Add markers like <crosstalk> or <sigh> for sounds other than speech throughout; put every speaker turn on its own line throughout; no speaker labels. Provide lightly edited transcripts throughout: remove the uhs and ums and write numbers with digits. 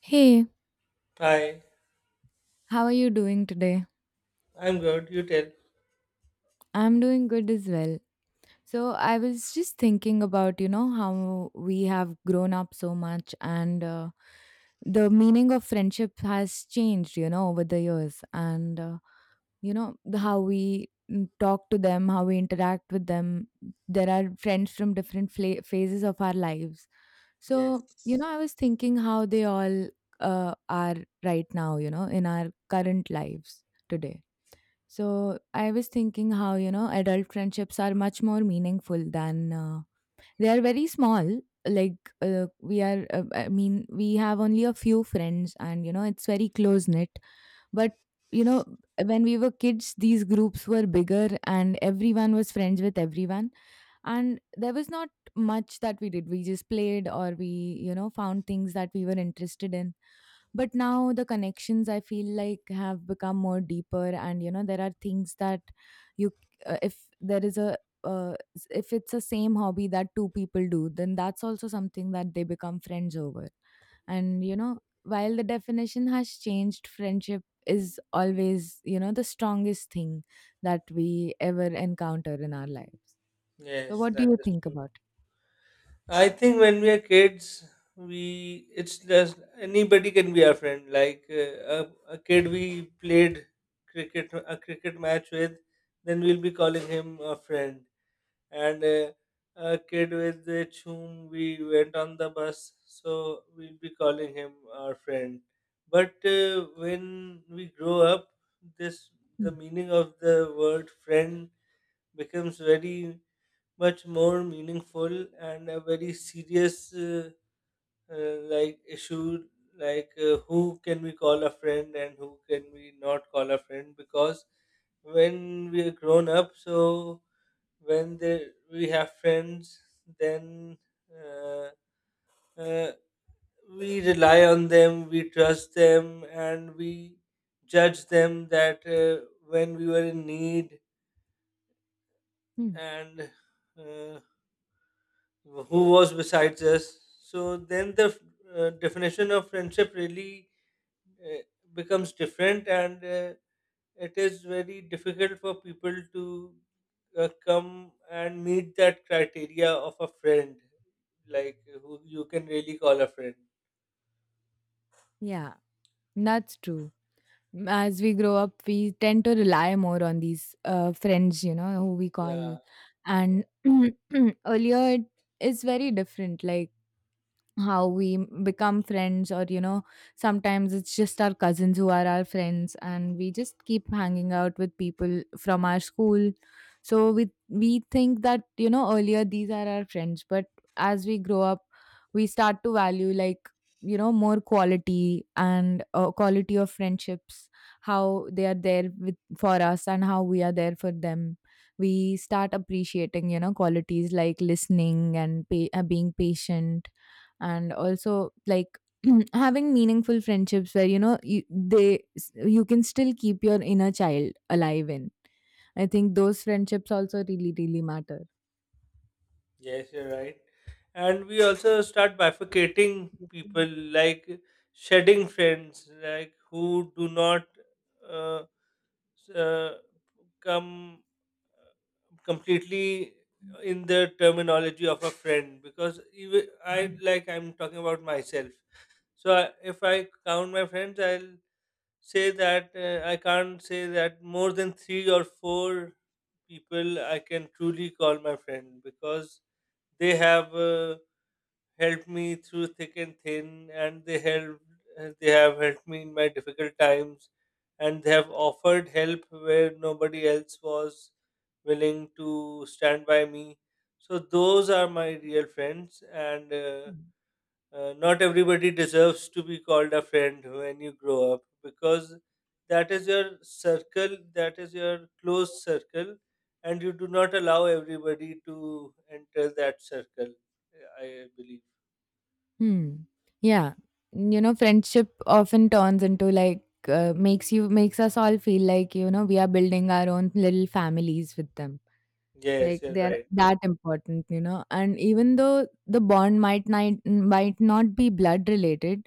Hey,
Hi,
how are you doing today?
I'm good. You tell.
I'm doing good as well. So, I was just thinking about, how we have grown up so much, and the meaning of friendship has changed, over the years. And, how we talk to them, how we interact with them. There are friends from different phases of our lives. So,
Yes,
I was thinking how they all are right now, in our current lives today. So I was thinking how, adult friendships are much more meaningful than they are very small. Like, I mean, we have only a few friends, and, it's very close knit. But, you know, when we were kids, these groups were bigger and everyone was friends with everyone. And there was not much that we did. We just played, or we, found things that we were interested in. But now the connections I feel like have become more deeper, and there are things that you if there is a s- if it's a same hobby that two people do, then that's also something that they become friends over. And while the definition has changed, friendship is always, the strongest thing that we ever encounter in our lives. So
yes,
what do
that
you
is
think
true.
about
I think when we are kids, we it's just anybody can be our friend. Like a kid we played cricket a cricket match with, then we'll be calling him a friend. And a kid with which whom we went on the bus, so we'll be calling him our friend. But when we grow up, this
it?
the
Hmm.
meaning of the word friend becomes very much more meaningful and a very serious like issue like who can we call a friend and who can we not call a friend because when we are grown up, so we have friends, then uh, uh, we rely on them, we trust them, and we judge them, that when we were in need
Hmm.
and uh, who was besides us. So then the definition of friendship really uh, becomes different, and it is very difficult for people to come and meet that criteria of a friend, like who you can really call a friend.
Yeah, that's true. As we grow up, we tend to rely more on these friends, who we call.
Yeah.
And <clears throat> earlier, it's very different. Like, how we become friends, or sometimes it's just our cousins who are our friends, and we just keep hanging out with people from our school. So we think that, earlier these are our friends, but as we grow up we start to value, like, more quality and quality of friendships, how they are there with for us and how we are there for them. We start appreciating, qualities like listening and being patient, and also like <clears throat> having meaningful friendships where you can still keep your inner child alive in. I think those friendships also really really matter.
Yes, you're right. And we also start bifurcating people, like shedding friends, like who do not uh, s- uh, come completely in the terminology of a friend, because even I, like, I'm talking about myself. So I, if I count my friends, I'll say that I can't say that more than three or four people I can truly call my friend, because they have. Helped me through thick and thin, and they helped. They have helped me in my difficult times, and they have offered help where nobody else was willing to stand by me. So those are my real friends, and not everybody deserves to be called a friend when you grow up, because that is your circle, that is your close circle, and you do not allow everybody to enter that circle. I believe.
Hmm. Yeah, friendship often turns into, like, makes us all feel like we are building our own little families with them.
Yes,
Like
you're
they're
right.
that important. And even though the bond might not be blood related,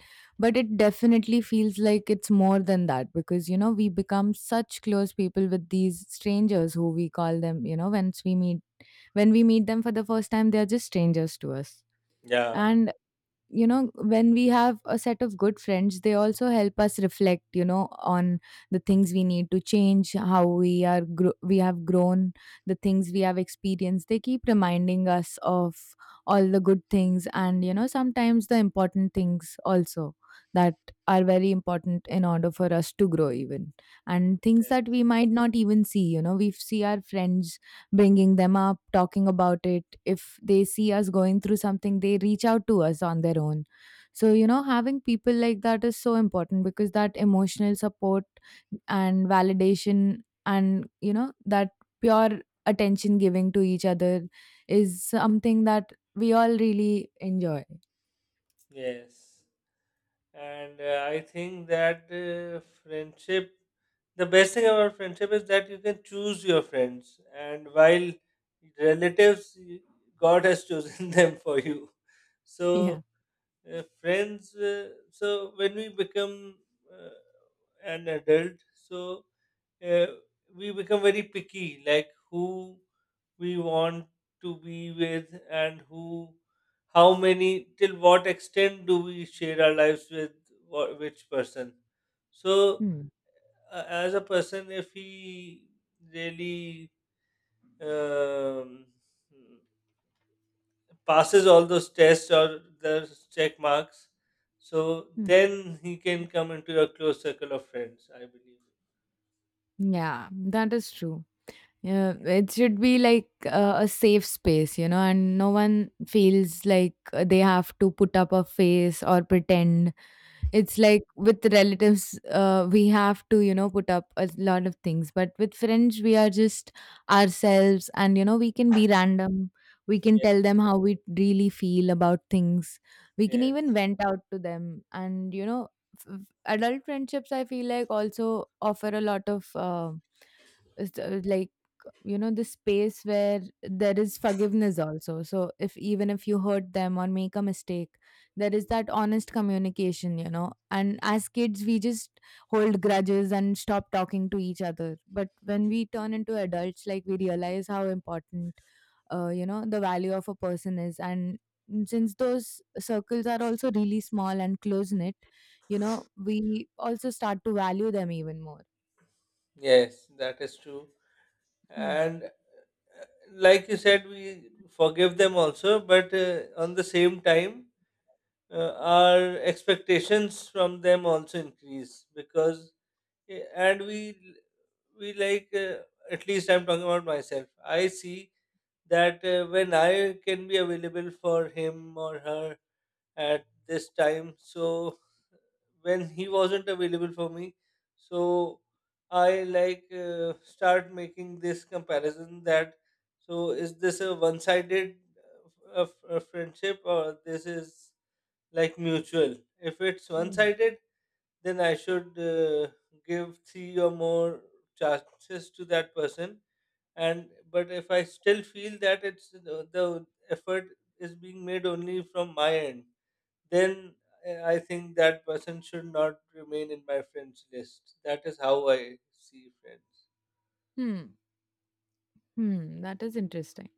but it definitely feels like it's more than that, because we become such close people with these strangers who we call them, once we meet, when we meet them for the first time, they are just strangers to us.
Yeah.
And when we have a set of good friends, they also help us reflect, on the things we need to change, how we are we have grown, the things we have experienced. They keep reminding us of all the good things, and sometimes the important things also, that are very important in order for us to grow even, and things that
Yes.
we might not even see. We see our friends bringing them up, talking about it. If they see us going through something, they reach out to us on their own. So, having people like that is so important, because that emotional support and validation, and, that pure attention giving to each other, is something that we all really enjoy. <laughs>
Yes. And I think that friendship, the best thing about friendship is that you can choose your friends. And while relatives, y- God has chosen <laughs> them for you. So,
Yeah.
friends, so when we become uh, an adult, so uh, we become very picky, like who we want to be with, and who, how many, till what extent do we share our lives with which person. So,
Hmm.
as a person, if he really um, passes all those tests or those check marks, so
Hmm.
then he can come into your close circle of friends, I believe.
Yeah, that is true. Yeah, it should be like a safe space, and no one feels like they have to put up a face or pretend. It's like with relatives, we have to, put up a lot of things. But with friends, we are just ourselves, and, we can be random. We can
Yeah.
tell them how we really feel about things. We can even
Yes.
vent out to them. And, f- f- adult friendships, I feel like, also offer a lot of, like, the space where there is forgiveness also. So if even if you hurt them or make a mistake, there is that honest communication, and as kids we just hold grudges and stop talking to each other. But when we turn into adults, like, we realize how important the value of a person is, and since those circles are also really small and close knit, we also start to value them even more.
Yes, that is true.
Hmm.
And uh, like you said, we forgive them also, but on the same time, our expectations from them also increase because and we like, at least I'm talking about myself, I see that when I can be available for him or her at this time. So when he wasn't available for me, so I, like, start making this comparison, that so is this a one-sided friendship or this is like mutual? If it's one-sided, then I should give three or more chances to that person. And but if I still feel that it's the effort is being made only from my end, then I think that person should not remain in my friends list. That is how I see friends.
Hmm, hmm, that is interesting.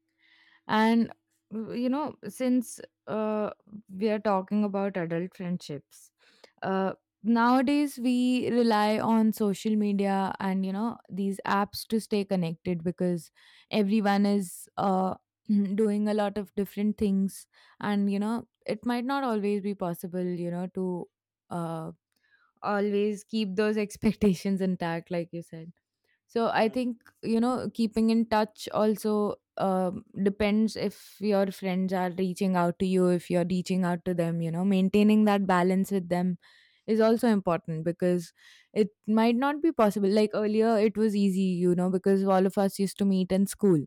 And, since uh, we are talking about adult friendships, uh, nowadays we rely on social media and these apps to stay connected, because everyone is <clears throat> doing a lot of different things, and it might not always be possible, to uh, always keep those <laughs> expectations intact, like you said. So I
Mm,
think keeping in touch also depends, if your friends are reaching out to you, if you're reaching out to them, maintaining that balance with them is also important, because it might not be possible, like earlier it was easy because all of us used to meet in school.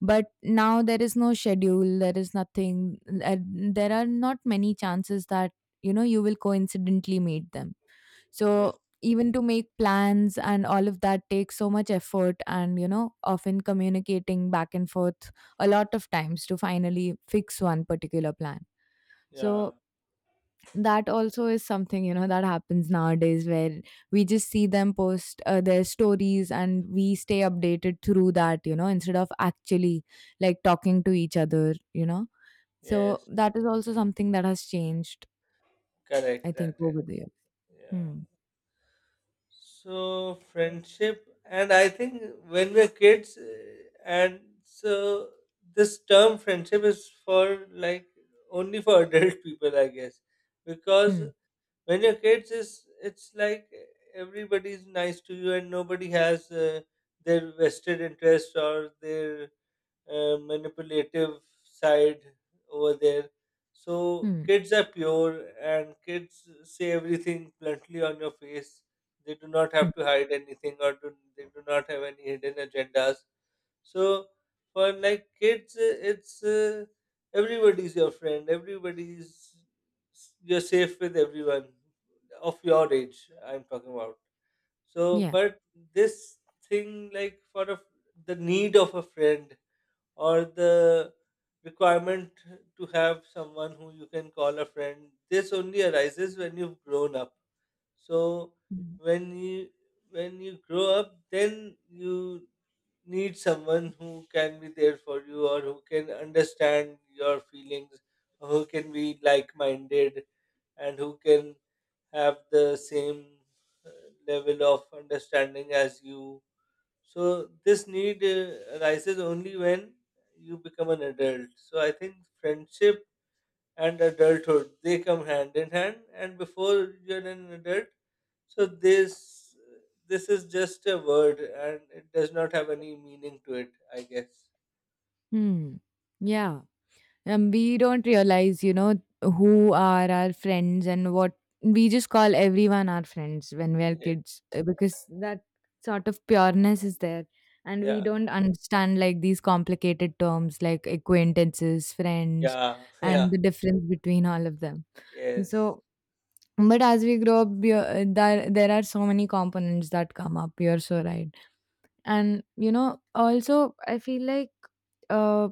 But now there is no schedule, there is nothing, and there are not many chances that, you will coincidentally meet them. So
yes.
even to make plans and all of that takes so much effort, and often communicating back and forth a lot of times to finally fix one particular plan.
Yeah.
So that also is something, that happens nowadays, where we just see them post their stories and we stay updated through that, instead of actually, like, talking to each other. So
Yes.
that is also something that has changed, I
Correct.
think,
That is.
over the year.
Yeah.
Hmm.
So friendship, and I think when we're kids, and so this term friendship is for like only for <laughs> adult people, I guess, because
Hmm.
when your kids is, it's like everybody's nice to you, and nobody has their vested interest or their manipulative side over there. So
Hmm.
kids are pure, and kids say everything bluntly on your face. They do not have
Hmm.
to hide anything, or do, they do not have any hidden agendas. So for like kids, it's everybody's your friend. Everybody's, you're safe with everyone of your age, I'm talking about. So,
Yeah.
but this thing like for a, the need of a friend or the requirement to have someone who you can call a friend. This only arises when you've grown up. So
Hmm.
when you when you grow up, then you need someone who can be there for you, or who can understand your feelings, or who can be like minded, and who can have the same uh, level of understanding as you. So, this need arises only when you become an adult. So, I think friendship and adulthood, they come hand in hand, and before you're an adult, so this is just a word, and it does not have any meaning to it, I guess.
Hmm. Yeah. And we don't realize, who are our friends and what. We just call everyone our friends when we are
Yes.
kids, because that sort of pureness is there. And we
Yeah.
don't understand, like, these complicated terms like acquaintances, friends,
Yeah. <laughs> Yeah.
and the difference between all of them.
Yes.
So, but as we grow up, we there are so many components that come up. You're so right. And, also, I feel like uh,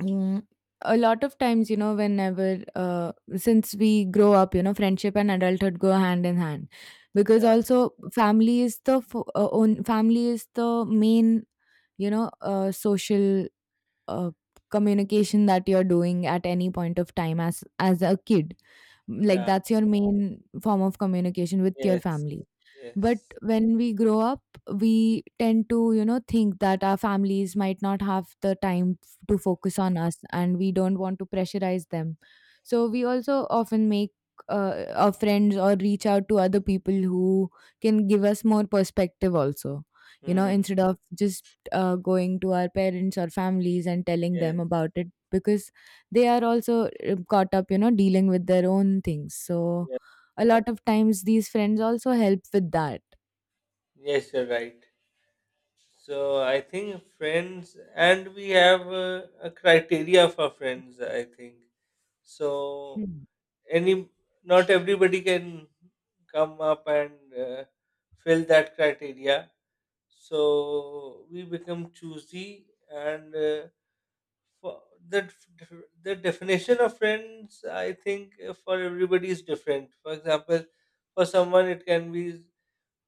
Mm, a lot of times, whenever, since we grow up, friendship and adulthood go hand in hand, because
Yeah.
also family is the fo- own family is the main, social uh, communication that you're doing at any point of time as a kid. Like
Yeah.
that's your main form of communication with your
Yes.
family. But
Yes.
when we grow up, we tend to, think that our families might not have the time to focus on us, and we don't want to pressurize them. So we also often make our friends, or reach out to other people who can give us more perspective, also,
Mm.
instead of just going to our parents or families and telling
Yes.
them about it, because they are also caught up, dealing with their own things. So
Yeah.
a lot of times these friends also help with that.
Yes, you're right. So I think friends, and we have a criteria for friends. I think so.
Hmm.
Any, not everybody can come up and fill that criteria. So we become choosy, and for the definition of friends, I think for everybody is different. For example, for someone it can be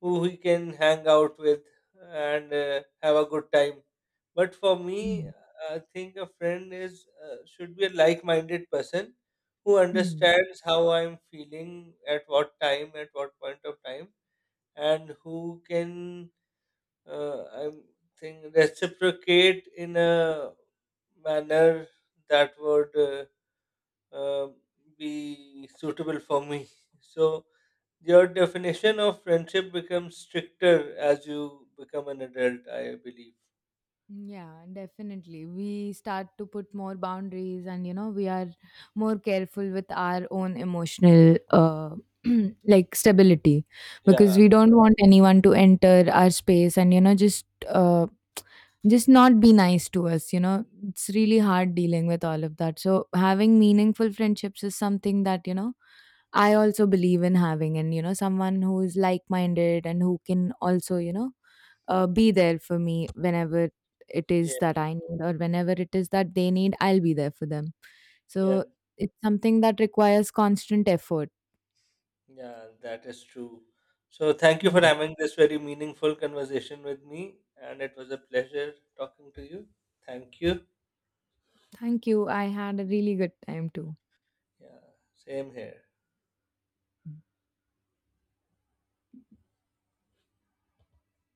who he can hang out with and have a good time, but for me,
Hmm.
I think a friend is should be a like-minded person who
Mm.
understands how I'm feeling at what time, at what point of time, and who can I'm think reciprocate in a manner that would uh, be suitable for me. <laughs> So your definition of friendship becomes stricter as you become an adult, I believe.
Yeah, definitely. We start to put more boundaries, and, we are more careful with our own emotional, <clears throat> like stability, because
Yeah,
we don't want anyone to enter our space, and, just not be nice to us. It's really hard dealing with all of that. So having meaningful friendships is something that, I also believe in having, and someone who is like-minded and who can also, be there for me whenever it
yeah,
is that I need, or whenever it is that they need, I'll be there for them.
yeah,
So it's something that requires constant effort.
yeah. That is true. So thank you for
Yeah,
having this very meaningful conversation with me, and it was a pleasure talking to you. Thank you.
thank you. I had a really good time too.
Yeah, same here.